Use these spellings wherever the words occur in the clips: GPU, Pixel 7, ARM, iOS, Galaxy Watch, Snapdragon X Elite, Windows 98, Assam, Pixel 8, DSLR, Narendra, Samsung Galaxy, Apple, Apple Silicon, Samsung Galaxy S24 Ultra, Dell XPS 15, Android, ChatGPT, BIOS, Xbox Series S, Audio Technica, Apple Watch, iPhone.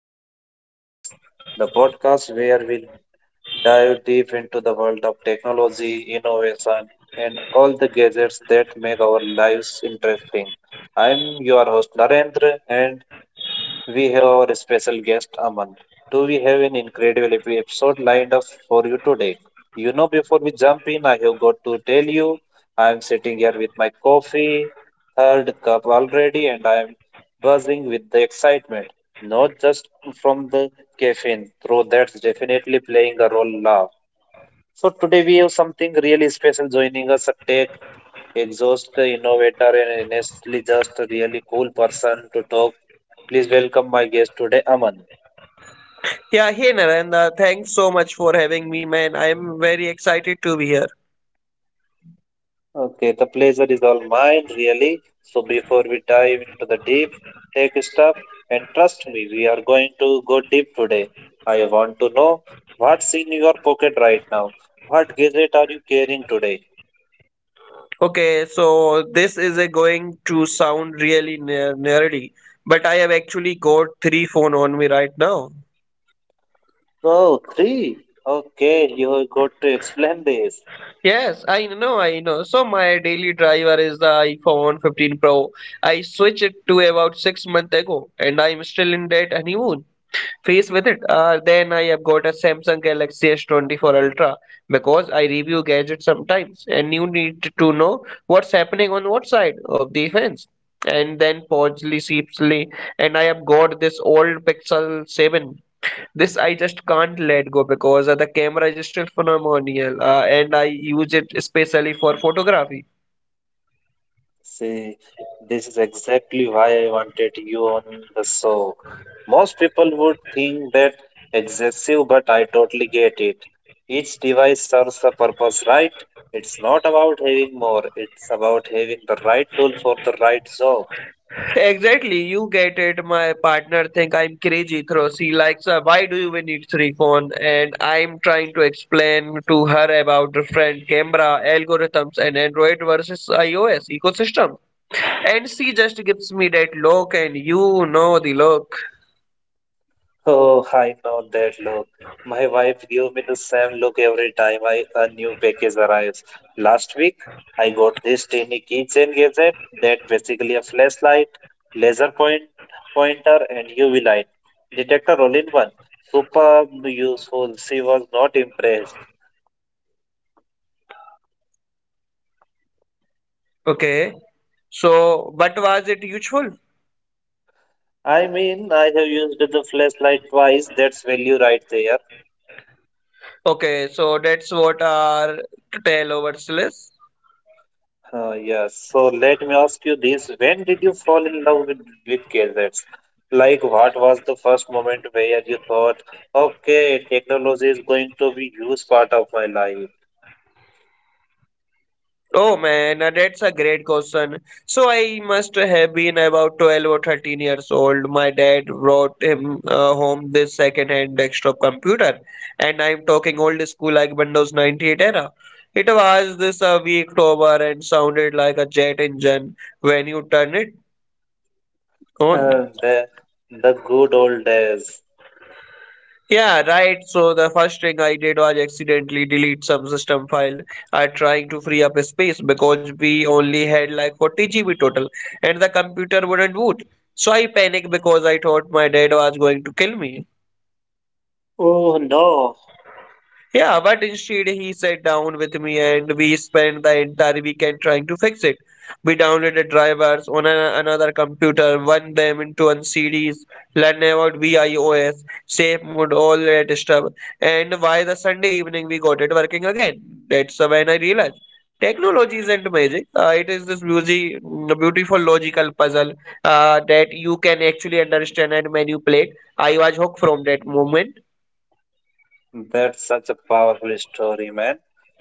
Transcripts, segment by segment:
Gadget Chronicles, the podcast where we will dive deep into the world of technology, innovation, and all the gadgets that make our lives interesting. I'm your host Narendra, and we have our special guest Aman. Do we have an incredible episode lined up for you today? Before we jump in, I have got to tell you, I am sitting here with my coffee, third cup already, and I am buzzing with the excitement. Not just from the caffeine, though that's definitely playing a role now. So today we have something really special joining us, a tech exhaust innovator and honestly just a really cool person to talk. Please welcome my guest today, Aman. Yeah, hey Narendra, thanks so much for having me, man. I'm very excited to be here. Okay, the pleasure is all mine, really. So before we dive into the deep tech stuff, and trust me, we are going to go deep today. I want to know what's in your pocket right now. What gadget are you carrying today? Okay, so this is a going to sound really nerdy, but I have actually got three phone on me right now. Oh, three. Okay, you got to explain this. Yes, I know. So my daily driver is the iPhone 15 Pro. I switched it to about 6 months ago, and I'm still in that honeymoon faced with it. Then I have got a Samsung Galaxy S24 Ultra because I review gadgets sometimes and you need to know what's happening on what side of the fence. And then Podsley, Seepsley, and I have got this old Pixel 7. This I just can't let go because the camera is still phenomenal and I use it especially for photography. See, this is exactly why I wanted you on the show. Most people would think that excessive, but I totally get it. Each device serves a purpose, right? It's not about having more, it's about having the right tool for the right job. Exactly, you get it. My partner think I'm crazy, through. She likes, why do you even need three phone? And I'm trying to explain to her about different camera algorithms and Android versus iOS ecosystem. And she just gives me that look, and you know the look. Oh, I know that look. My wife gave me the same look every time I, a new package arrives. Last week, I got this tiny keychain gadget that basically a flashlight, laser point pointer, and UV light detector all in one. Super useful. She was not impressed. Okay. So, but was it useful? I mean, I have used the flashlight twice. That's value right there. Okay, so that's what are tell over list. Yes. So let me ask you this. When did you fall in love with gadgets? Like, what was the first moment where you thought, okay, technology is going to be huge part of my life? Oh man, that's a great question. So I must have been about 12 or 13 years old. My dad brought him home this second-hand desktop computer, and I'm talking old school like Windows 98 era. It was this weak tower and sounded like a jet engine when you turn it on. Uh, the, the good old days. Yeah, right. So the first thing I did was accidentally delete some system file. I trying to free up space because we only had like 40 GB total and the computer wouldn't boot. So I panicked because I thought my dad was going to kill me. Oh, no. Yeah, but instead he sat down with me and we spent the entire weekend trying to fix it. We downloaded drivers on a, another computer, one them into on CDs, learn about VIOS, safe mode, all that stuff. And by the Sunday evening we got it working again. That's when I realized technology isn't magic. It is this beautiful logical puzzle that you can actually understand and manipulate. I was hooked from that moment. That's such a powerful story, man.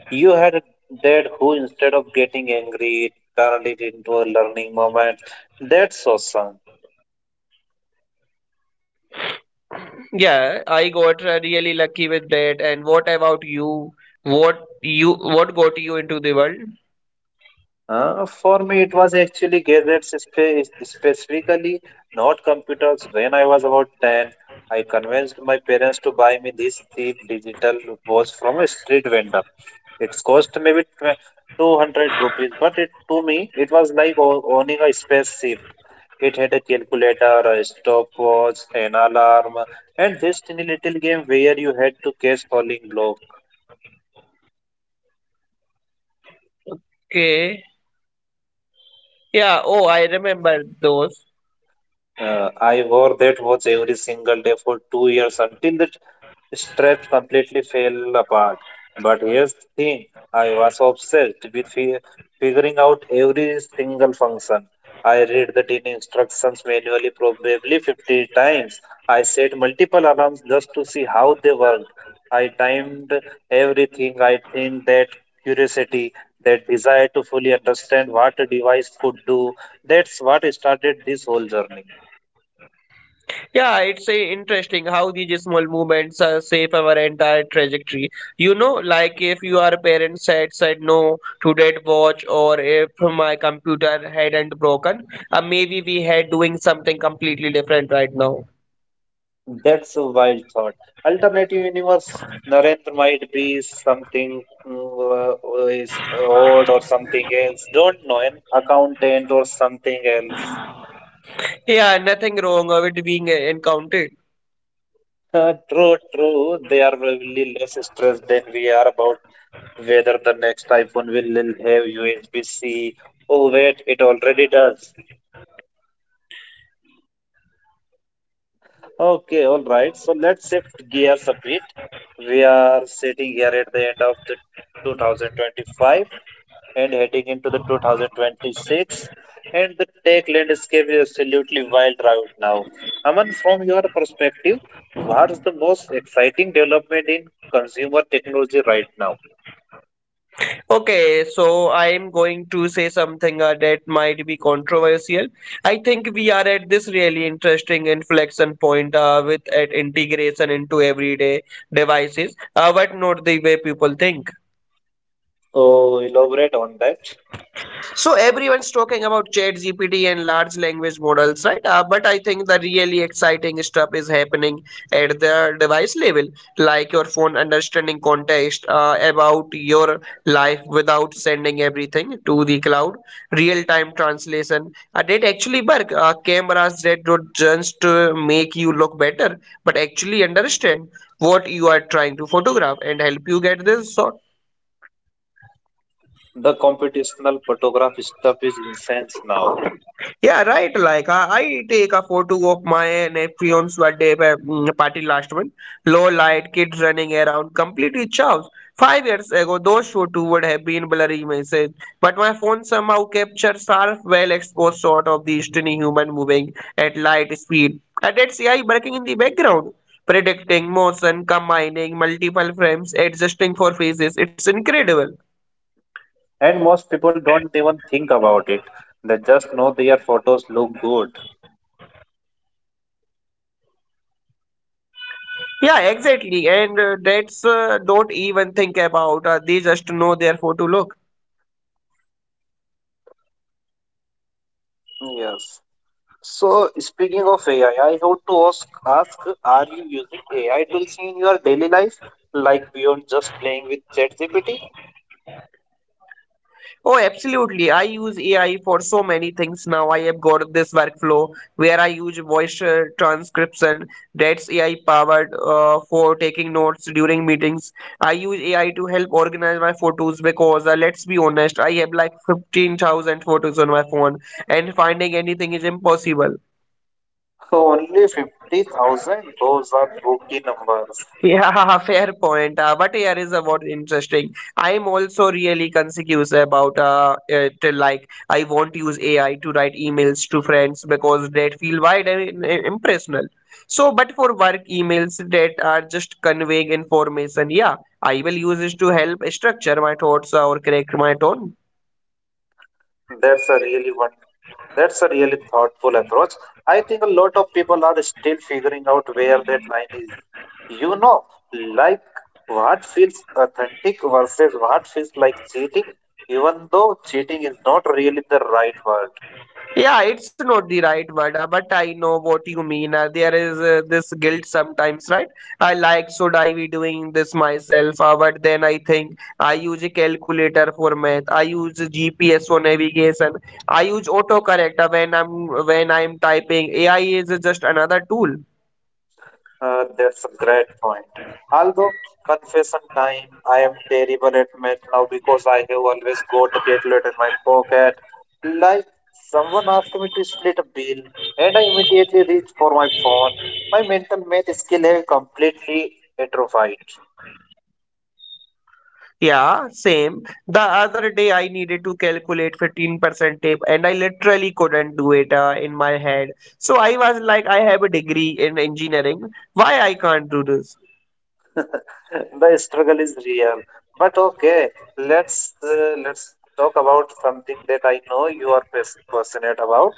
You had a dad who, instead of getting angry, turned it into a learning moment. That's awesome. Yeah, I got really lucky with that. And what about you? What got you into the world? For me, it was actually gadgets specifically, not computers. When I was about 10, I convinced my parents to buy me this cheap digital watch from a street vendor. It cost maybe 200 rupees, but it to me, it was like owning a spaceship. It had a calculator, a stopwatch, an alarm, and this tiny little game where you had to catch falling block. Okay. Yeah, oh, I remember those. I wore that watch every single day for 2 years until that Stretch completely fell apart. But here's the thing I was obsessed with figuring out every single function. I read the dinner instructions manually, probably 50 times. I set multiple alarms just to see how they worked. I timed everything. I think that curiosity, that desire to fully understand what a device could do, that's what started this whole journey. Yeah, it's interesting how these small movements shape our entire trajectory. You know, like if your parents had said no to that watch, or if my computer hadn't broken, maybe we had doing something completely different right now. That's a wild thought. Alternative universe, Narendra might be something is odd or something else. Don't know, an accountant or something else. Yeah, nothing wrong with being encountered. True, true. They are probably less stressed than we are about whether the next iPhone will have USB-C. Oh, wait, it already does. Okay, all right. So let's shift gears a bit. We are sitting here at the end of the 2025 and heading into the 2026 and the tech landscape is absolutely wild right now. Aman, from your perspective, what's the most exciting development in consumer technology right now? Okay, so I'm going to say something that might be controversial. I think we are at this really interesting inflection point with at integration into everyday devices, but not the way people think. Oh, elaborate on that. So everyone's talking about ChatGPT and large language models, right? But I think the really exciting stuff is happening at the device level, like your phone understanding context about your life without sending everything to the cloud, real-time translation. That actually work. Cameras that don't just make you look better, but actually understand what you are trying to photograph and help you get this shot. The computational photograph stuff is intense now, Yeah, right. Like I take a photo of my nephew's birthday party last month. Low light, kids running around, completely chaos. 5 years ago, those photos would have been blurry images, but my phone somehow captures sharp, well-exposed shot of the skinny human moving at light speed, and it's AI working in the background, predicting motion, combining multiple frames, adjusting for phases. It's incredible. and most people don't even think about it. They just know their photos look good. Yeah, exactly. And that's don't even think about. They just know their photo look. Yes. So, speaking of AI, I want to ask, are you using AI tools in your daily life, like beyond just playing with ChatGPT? Oh, absolutely. I use AI for so many things now. I have got this workflow where I use voice transcription. That's AI powered for taking notes during meetings. I use AI to help organize my photos because let's be honest, I have like 15,000 photos on my phone and finding anything is impossible. So, only 50,000, those are rookie numbers. Yeah, fair point. But here is what interesting. I'm also really conscious about it, like I won't use AI to write emails to friends because that feel wide and impersonal. So, but for work emails that are just conveying information, yeah, I will use it to help structure my thoughts or correct my tone. That's a really one. That's a really thoughtful approach. I think a lot of people are still figuring out where that line is. You know, like what feels authentic versus what feels like cheating, even though cheating is not really the right word. Yeah, it's not the right word, but I know what you mean. There is this guilt sometimes, right? I like, should I be doing this myself? But then I think I use a calculator for math. I use GPS for navigation. I use autocorrect when I'm typing. AI is just another tool. That's a great point. Although, confession time, I am terrible at math now because I have always got a calculator in my pocket. Like someone asked me to split a bill, and I immediately reached for my phone. My mental math skill has completely atrophied. Yeah, same. The other day I needed to calculate 15% tip, and I literally couldn't do it in my head. So I was like, I have a degree in engineering. Why I can't do this? The struggle is real, but okay, let's let's talk about something that I know you are passionate about: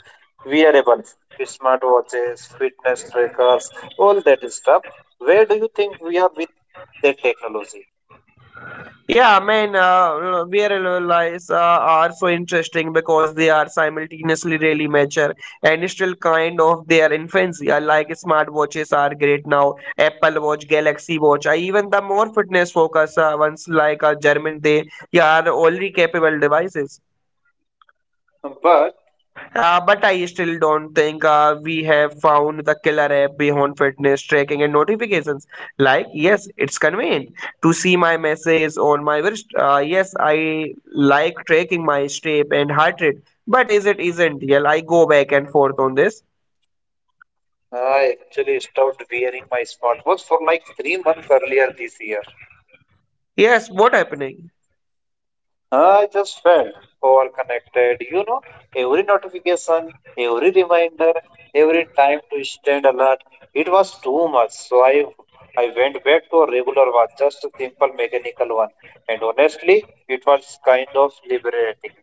wearables, smartwatches, fitness trackers, all that stuff. Where do you think we are with the technology? Yeah, man, VRL lies are so interesting because they are simultaneously really mature and still kind of their infancy. I like smartwatches are great now, Apple Watch, Galaxy Watch. I even the more fitness focused ones like German, they yeah, are already capable devices. But But I still don't think we have found the killer app beyond fitness tracking and notifications. Like, yes, it's convenient to see my message on my wrist. Yes, I like tracking my step and heart rate. But is it essential? I go back and forth on this. I actually stopped wearing my smartwatch for like 3 months earlier this year. Yes, what happening? I just felt overconnected. You know, every notification, every reminder, every time to stand alert, it was too much. So I went back to a regular watch, just a simple mechanical one. And honestly, it was kind of liberating.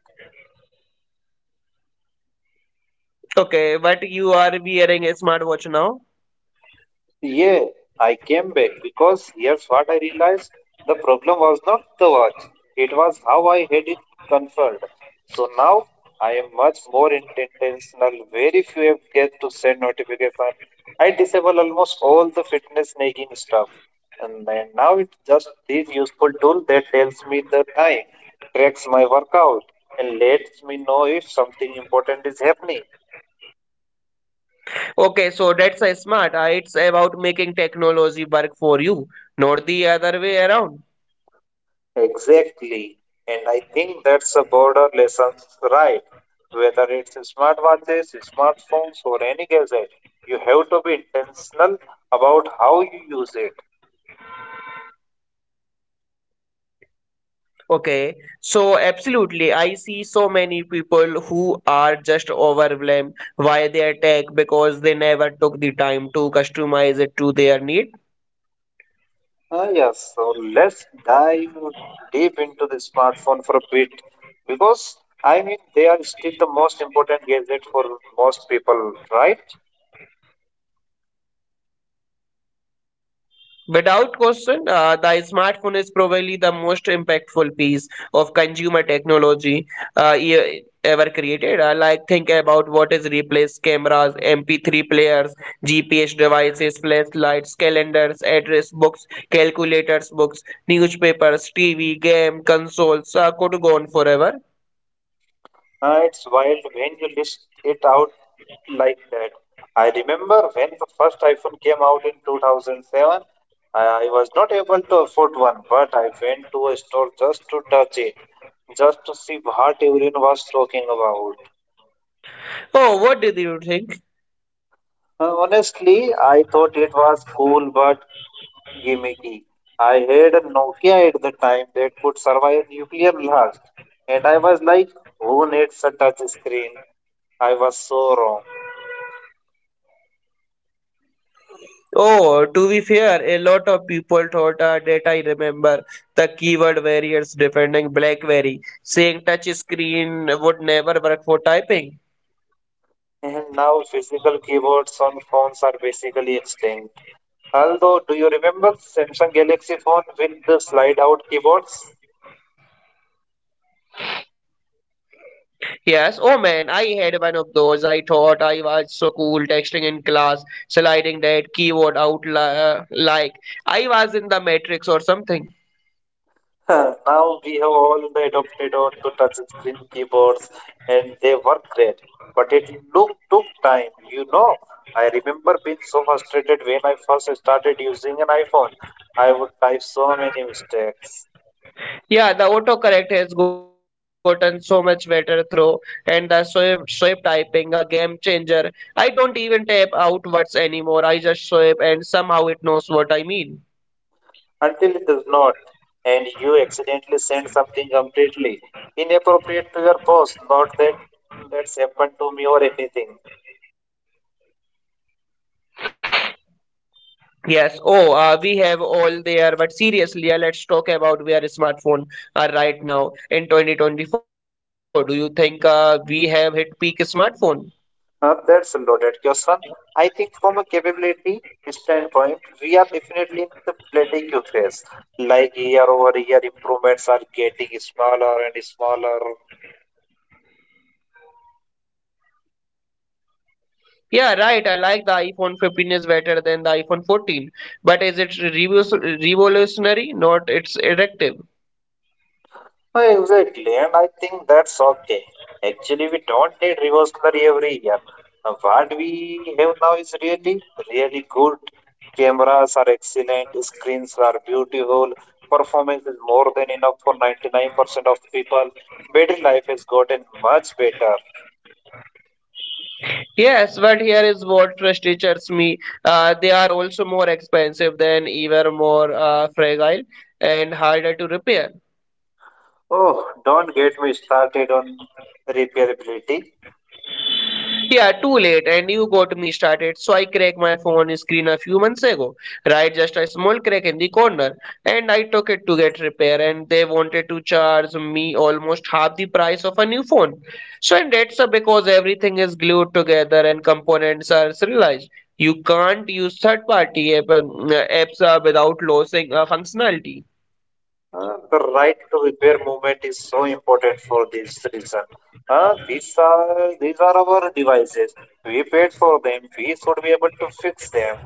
Okay, but you are wearing a smartwatch now. Yeah, I came back because here's what I realized. The problem was not the watch. It was how I had it configured. So now I am much more intentional. Very few apps get to send notification. I disable almost all the fitness nagging stuff. And then now it's just this useful tool that tells me the time, tracks my workout, and lets me know if something important is happening. Okay, so that's a smart. It's about making technology work for you, not the other way around. Exactly. And I think that's a broader lesson, right? Whether it's smartwatches, smartphones, or any gadget, you have to be intentional about how you use it. Okay, so absolutely. I see so many people who are just overwhelmed why they attack because they never took the time to customize it to their need. Ah, yes, so let's dive deep into the smartphone for a bit because I mean they are still the most important gadget for most people, right? Without question, the smartphone is probably the most impactful piece of consumer technology ever created. I like think about what is replaced cameras, MP3 players, GPS devices, flashlights, calendars, address books, calculators books, newspapers, TV, game, consoles. I could go on forever. It's wild when you list it out like that. I remember when the first iPhone came out in 2007, I was not able to afford one, but I went to a store just to touch it, just to see what everyone was talking about. Oh, what did you think? Honestly, I thought it was cool but gimmicky. I had a Nokia at the time that could survive a nuclear blast, and I was like, who needs a touch screen? I was so wrong. Oh, to be fair, a lot of people thought that I remember the keyword warriors defending BlackBerry, saying touch screen would never work for typing. And now physical keyboards on phones are basically extinct. Although, do you remember Samsung Galaxy phone with the slide out keyboards? Yes, oh man, I had one of those. I thought I was so cool texting in class, sliding that keyboard out like I was in the Matrix or something. Now we have all the adopted or to touch screen keyboards and they work great. But it look, took time, you know. I remember being so frustrated when I first started using an iPhone. I would type so many mistakes. Yeah, the autocorrect has gotten so much better through, and the swipe typing, a game changer. I don't even type out words anymore. I just swipe, and somehow it knows what I mean. Until it does not, and you accidentally send something completely inappropriate to your boss. Not that that's happened to me or anything. Yes. Oh, we have all there, but seriously, let's talk about where smartphone are right now in 2024. Do you think we have hit peak smartphone? That's a loaded question. I think from a capability standpoint, we are definitely in the plateau phase. Like year over year, improvements are getting smaller and smaller. Yeah, right. I like the iPhone 15 is better than the iPhone 14, but is it revolutionary? Not. It's addictive. Exactly, and I think that's okay. Actually, we don't need reversal every year. What we have now is really, really good. Cameras are excellent, screens are beautiful, performance is more than enough for 99% of people. Battery life has gotten much better. Yes, but here is what frustrates me. They are also more expensive than even more fragile and harder to repair. Oh, don't get me started on repairability. Yeah, too late, and you got me started. So I cracked my phone screen a few months ago, right? Just a small crack in the corner, and I took it to get repair, and they wanted to charge me almost half the price of a new phone. So, and that's because everything is glued together and components are serialized. You can't use apps without losing functionality. The right to repair movement is so important for this reason. These are our devices. We paid for them. We should be able to fix them.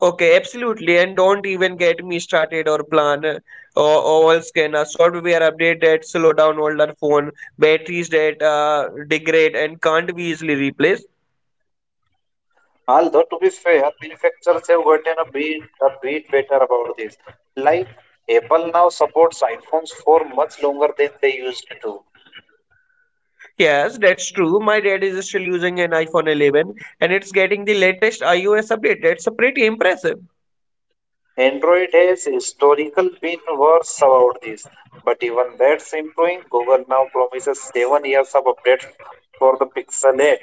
Okay, absolutely. And don't even get me started or plan or all scanner software update that slow down older phone batteries that degrade and can't be easily replaced. Although to be fair, manufacturers have gotten a bit better about this. Like Apple now supports iPhones for much longer than they used to. Yes, that's true. My dad is still using an iPhone 11 and it's getting the latest iOS update. That's pretty impressive. Android has historically been worse about this. But even that's improving. Google now promises 7 years of updates for the Pixel 8.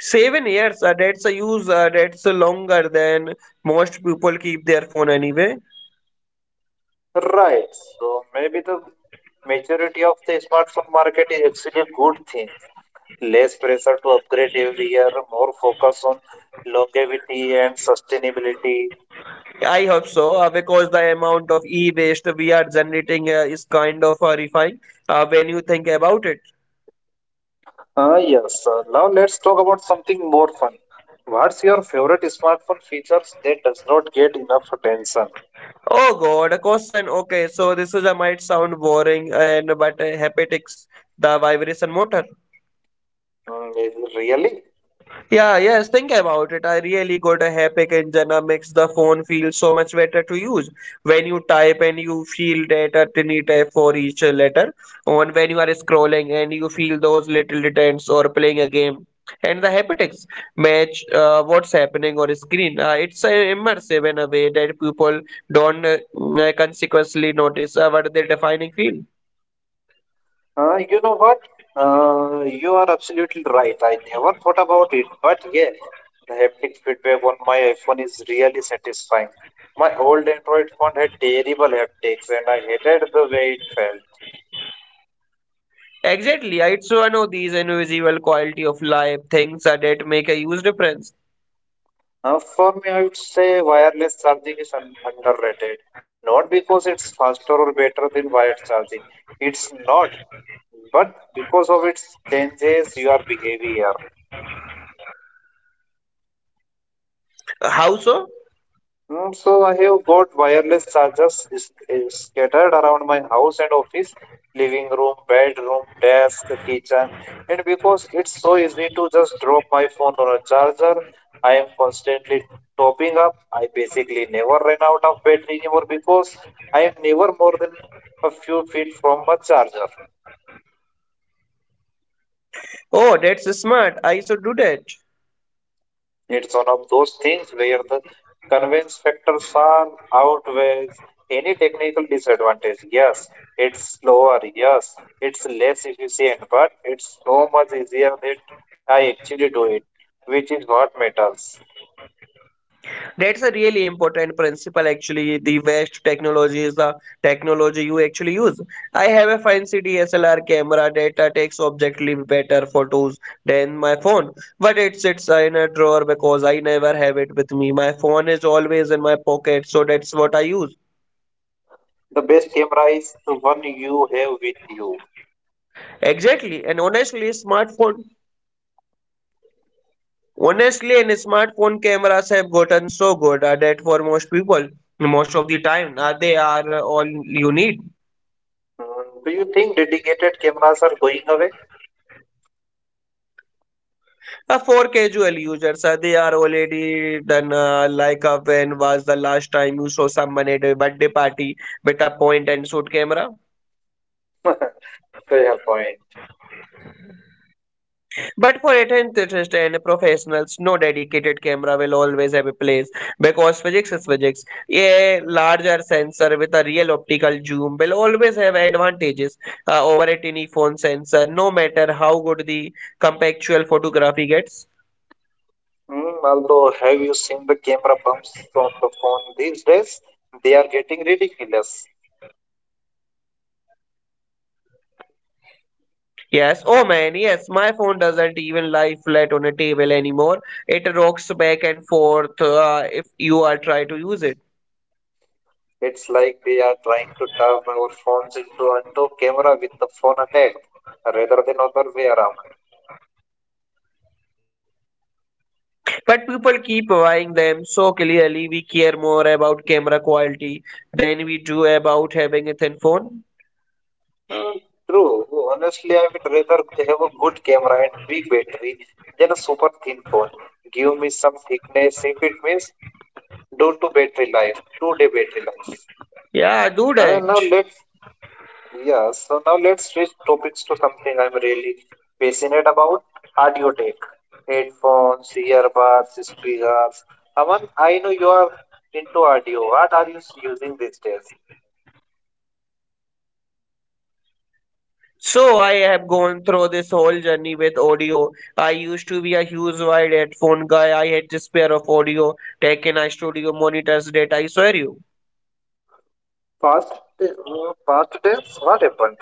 7 years, that's longer than most people keep their phone anyway. Right. So maybe the majority of the smartphone market is actually a good thing. Less pressure to upgrade every year, more focus on longevity and sustainability. I hope so, because the amount of e-waste we are generating is kind of horrifying when you think about it. Ah, yes. Now let's talk about something more fun. What's your favorite smartphone features that does not get enough attention? Oh God, a question. Okay, so this is a might sound boring and but haptics, the vibration motor. Mm, really? Yeah, yes, think about it. I really got a epic engine that makes the phone feel so much better to use. When you type and you feel that a tiny tap for each letter, on when you are scrolling and you feel those little details or playing a game. And the haptics match what's happening on screen. It's immersive in a way that people don't consequently notice what their defining feel. You know what? You are absolutely right. I never thought about it, but yeah, the haptic feedback on my iPhone is really satisfying. My old Android phone had terrible haptics, and I hated the way it felt. Exactly, it's one of these invisible quality of life things that make a huge difference. For me, I would say wireless charging is un underrated. Not because it's faster or better than wired charging. It's not, but because of its changes your behavior. How so? So I have got wireless is scattered around my house and office, living room, bedroom, desk, kitchen. And because it's so easy to just drop my phone on a charger, I am constantly topping up. I basically never run out of battery anymore because I am never more than a few feet from a charger. Oh, that's smart. I should do that. It's one of those things where the convince factor far outweighs any technical disadvantage. Yes, it's slower. Yes, it's less efficient, but it's so much easier that I actually do it, which is what matters. That's a really important principle actually. The best technology is the technology you actually use. I have a fancy DSLR camera that takes objectively better photos than my phone, but it sits in a drawer because I never have it with me. My phone is always in my pocket, so that's what I use. The best camera is the one you have with you. Exactly. And honestly, smartphone Honestly, and smartphone cameras have gotten so good that for most people, most of the time, they are all you need. Hmm, do you think dedicated cameras are going away? For casual users, they are already done. When was the last time you saw someone at a birthday party with a point and shoot camera? Fair point. But for intense and professionals, no dedicated camera will always have a place because physics is physics. A larger sensor with a real optical zoom will always have advantages over a tiny phone sensor, no matter how good the compactual photography gets. Hmm, although, have you seen the camera bumps on the phone these days? They are getting ridiculous. Yes, oh man, yes, my phone doesn't even lie flat on a table anymore. It rocks back and forth if you are try to use it. It's like they are trying to turn our phones into onto camera with the phone attached, rather than other way around. But people keep buying them so clearly we care more about camera quality than we do about having a thin phone. Uh, true. Honestly, I would rather have a good camera and big battery than a super thin phone. Give me some thickness if it means due to battery life, 2 day battery life. Yeah, do that. Now let's Yeah, so now let's switch topics to something I'm really passionate about, audio tech. Headphones, earbuds, speakers. Aman, I know you are into audio. What are you using these days? So I have gone through this whole journey with audio. I used to be a huge wired headphone guy. I had this pair of audio tech and I studio monitors that I swear you. Past, uh, past days? What happened?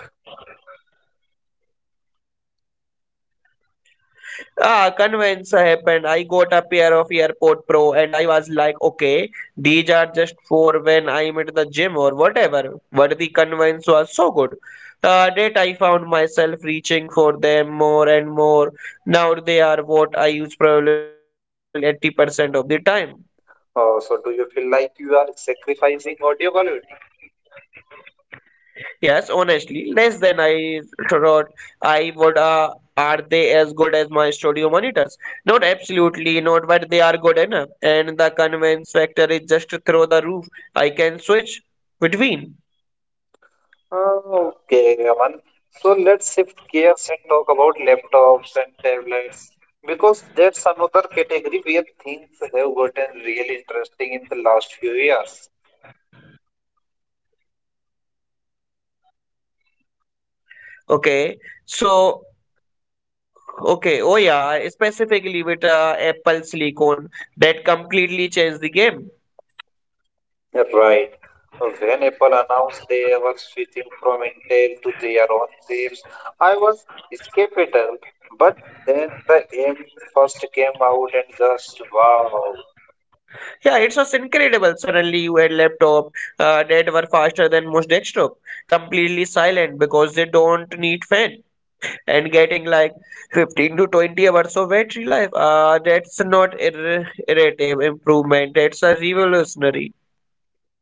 Ah, convenience happened. I got a pair of AirPod Pro and I was like, okay, these are just for when I'm at the gym or whatever. But the convenience was so good. That I found myself reaching for them more and more. Now they are what I use probably 80% of the time. So do you feel like you are sacrificing audio quality? Yes, honestly, less than I thought I would. Are they as good as my studio monitors? Not absolutely not, but they are good enough. And the convenience factor is just through the roof. I can switch between. Okay, Aman. So let's shift gears and talk about laptops and tablets because that's another category where things have gotten really interesting in the last few years. Okay, so okay, specifically with Apple Silicon that completely changed the game. Right. When Apple announced they were switching from Intel to their own chips, I was skeptical. But then the M first came out and just wow. Yeah, it was incredible. Suddenly, you had laptop that were faster than most desktop, completely silent because they don't need fan and getting like 15 to 20 hours of battery life. That's not a irritative improvement. That's a revolutionary.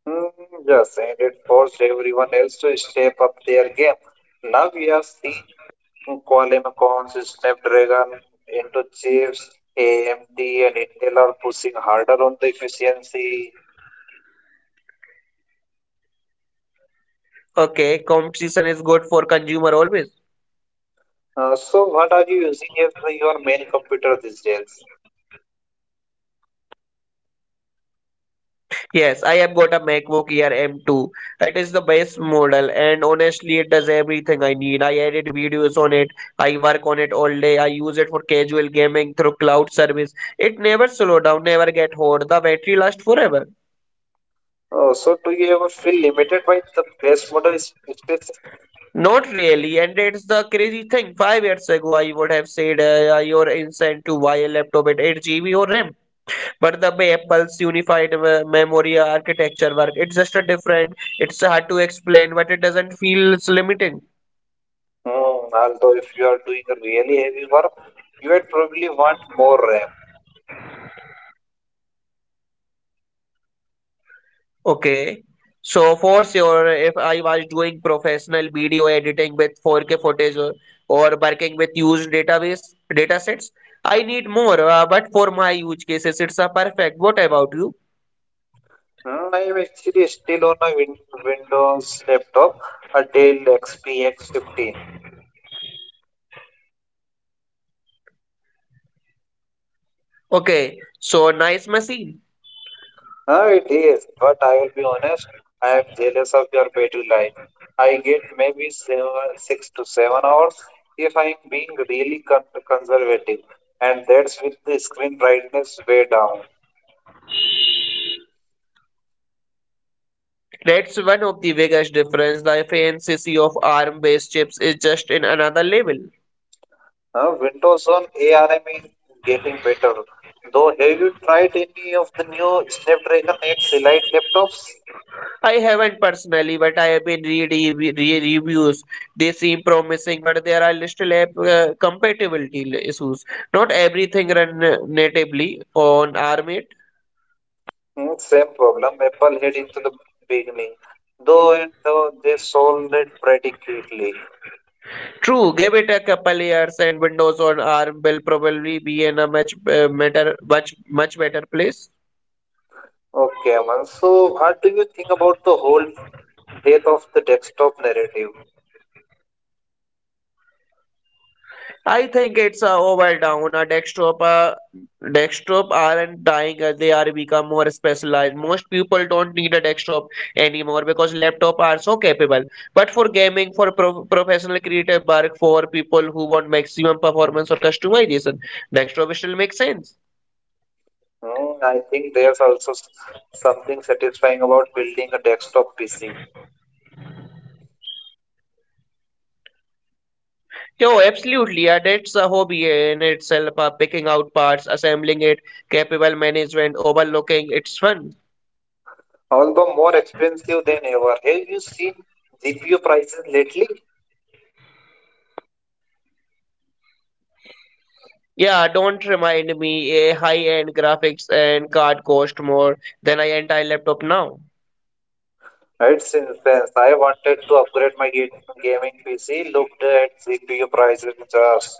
Hmm, yes, and it forced everyone else to step up their game. Now we are seeing Colin Coons, Snapdragon into chips, AMD and Intel are pushing harder on the efficiency. Okay, competition is good for consumer always. What are you using as your main computer these days? Yes, I have got a MacBook Air M2. It is the best model, and honestly, it does everything I need. I edit videos on it. I work on it all day. I use it for casual gaming through cloud service. It never slows down, never get hot. The battery lasts forever. Do you ever feel limited by the best space? Not really, and it's the crazy thing. 5 years ago, I would have said you're insane to buy a laptop at 8 GB or RAM. But the way Apple's unified memory architecture work, it's just a different. It's hard to explain, but it doesn't feel it's limiting. Hmm, although, if you are doing a really heavy work, you would probably want more RAM. Okay, so for sure, if I was doing professional video editing with 4K footage or working with huge database datasets, I need more. But for my use cases, it's a perfect. What about you? Hmm, I am actually still on a Windows laptop, a Dell XPX 15. Okay, so nice machine. Ah, it is, but I will be honest, I am jealous of your battery life. I get maybe seven, 6 to 7 hours if I am being really conservative, and that's with the screen brightness way down. That's one of the biggest difference. The fancy of ARM-based chips is just in another level. Windows on ARM is getting better, though. Have you tried any of the new Snapdragon X Elite laptops? I haven't personally, but I have been reading reviews. They seem promising, but there are little compatibility issues. Not everything run natively on ARM 8. Hmm, same problem. Apple had it to the beginning, though they solved it pretty quickly. True, give it a couple years, and Windows on ARM will probably be in a much better, much better place. Okay, Aman. So, what do you think about the whole death of the desktop narrative? I think it's a overdown. A desktop aren't dying as they are become more specialized. Most people don't need a desktop anymore because laptop are so capable. But for gaming, for professional creative work, for people who want maximum performance or customization, desktop still makes sense. Hmm, I think there's also something satisfying about building a desktop PC, Yo, absolutely. Yeah, that's a hobby in itself. Picking out parts, assembling it, capable management, overlooking. It's fun. although more expensive than ever. Have you seen GPU prices lately? Yeah, don't remind me a high-end graphics and card cost more than an entire laptop now. Right, since then, I wanted to upgrade my gaming PC, looked at GPU prices, just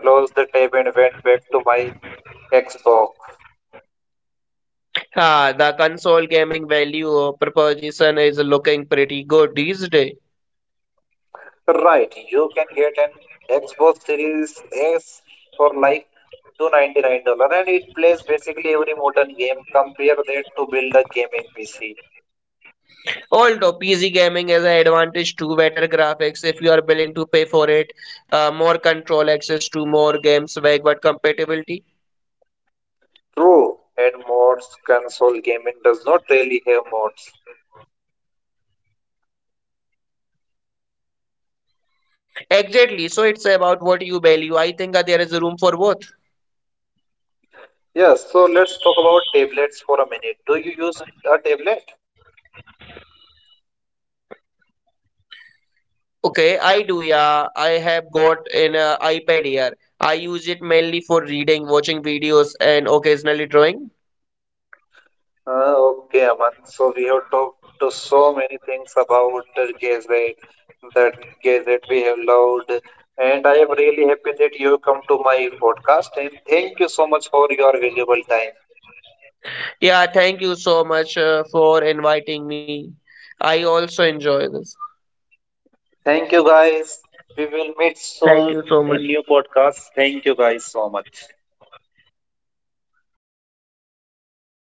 closed the tab and went back to my Xbox. Ah, the console gaming value of proposition is looking pretty good these days. Right, you can get an Xbox Series S for like $299 and it plays basically every modern game. Compare that to build a gaming PC. Although PC gaming has an advantage to better graphics if you are willing to pay for it, more control access to more games, backward compatibility. True, and mods, console gaming does not really have mods. Exactly, so it's about what you value. I think that there is room for both. Yes, so let's talk about tablets for a minute. Do you use a tablet? Okay, I do, yeah. I have got an iPad here. I use it mainly for reading, watching videos, and occasionally drawing. Okay, Aman. So we have talked to so many things about the Gazette, that Gazette we have loved, and I am really happy that you come to my podcast. And thank you so much for your valuable time. Yeah, thank you so much for inviting me. I also enjoy this. Thank you, guys. We will meet Thank soon you so much. in new podcast. Thank you, guys, so much.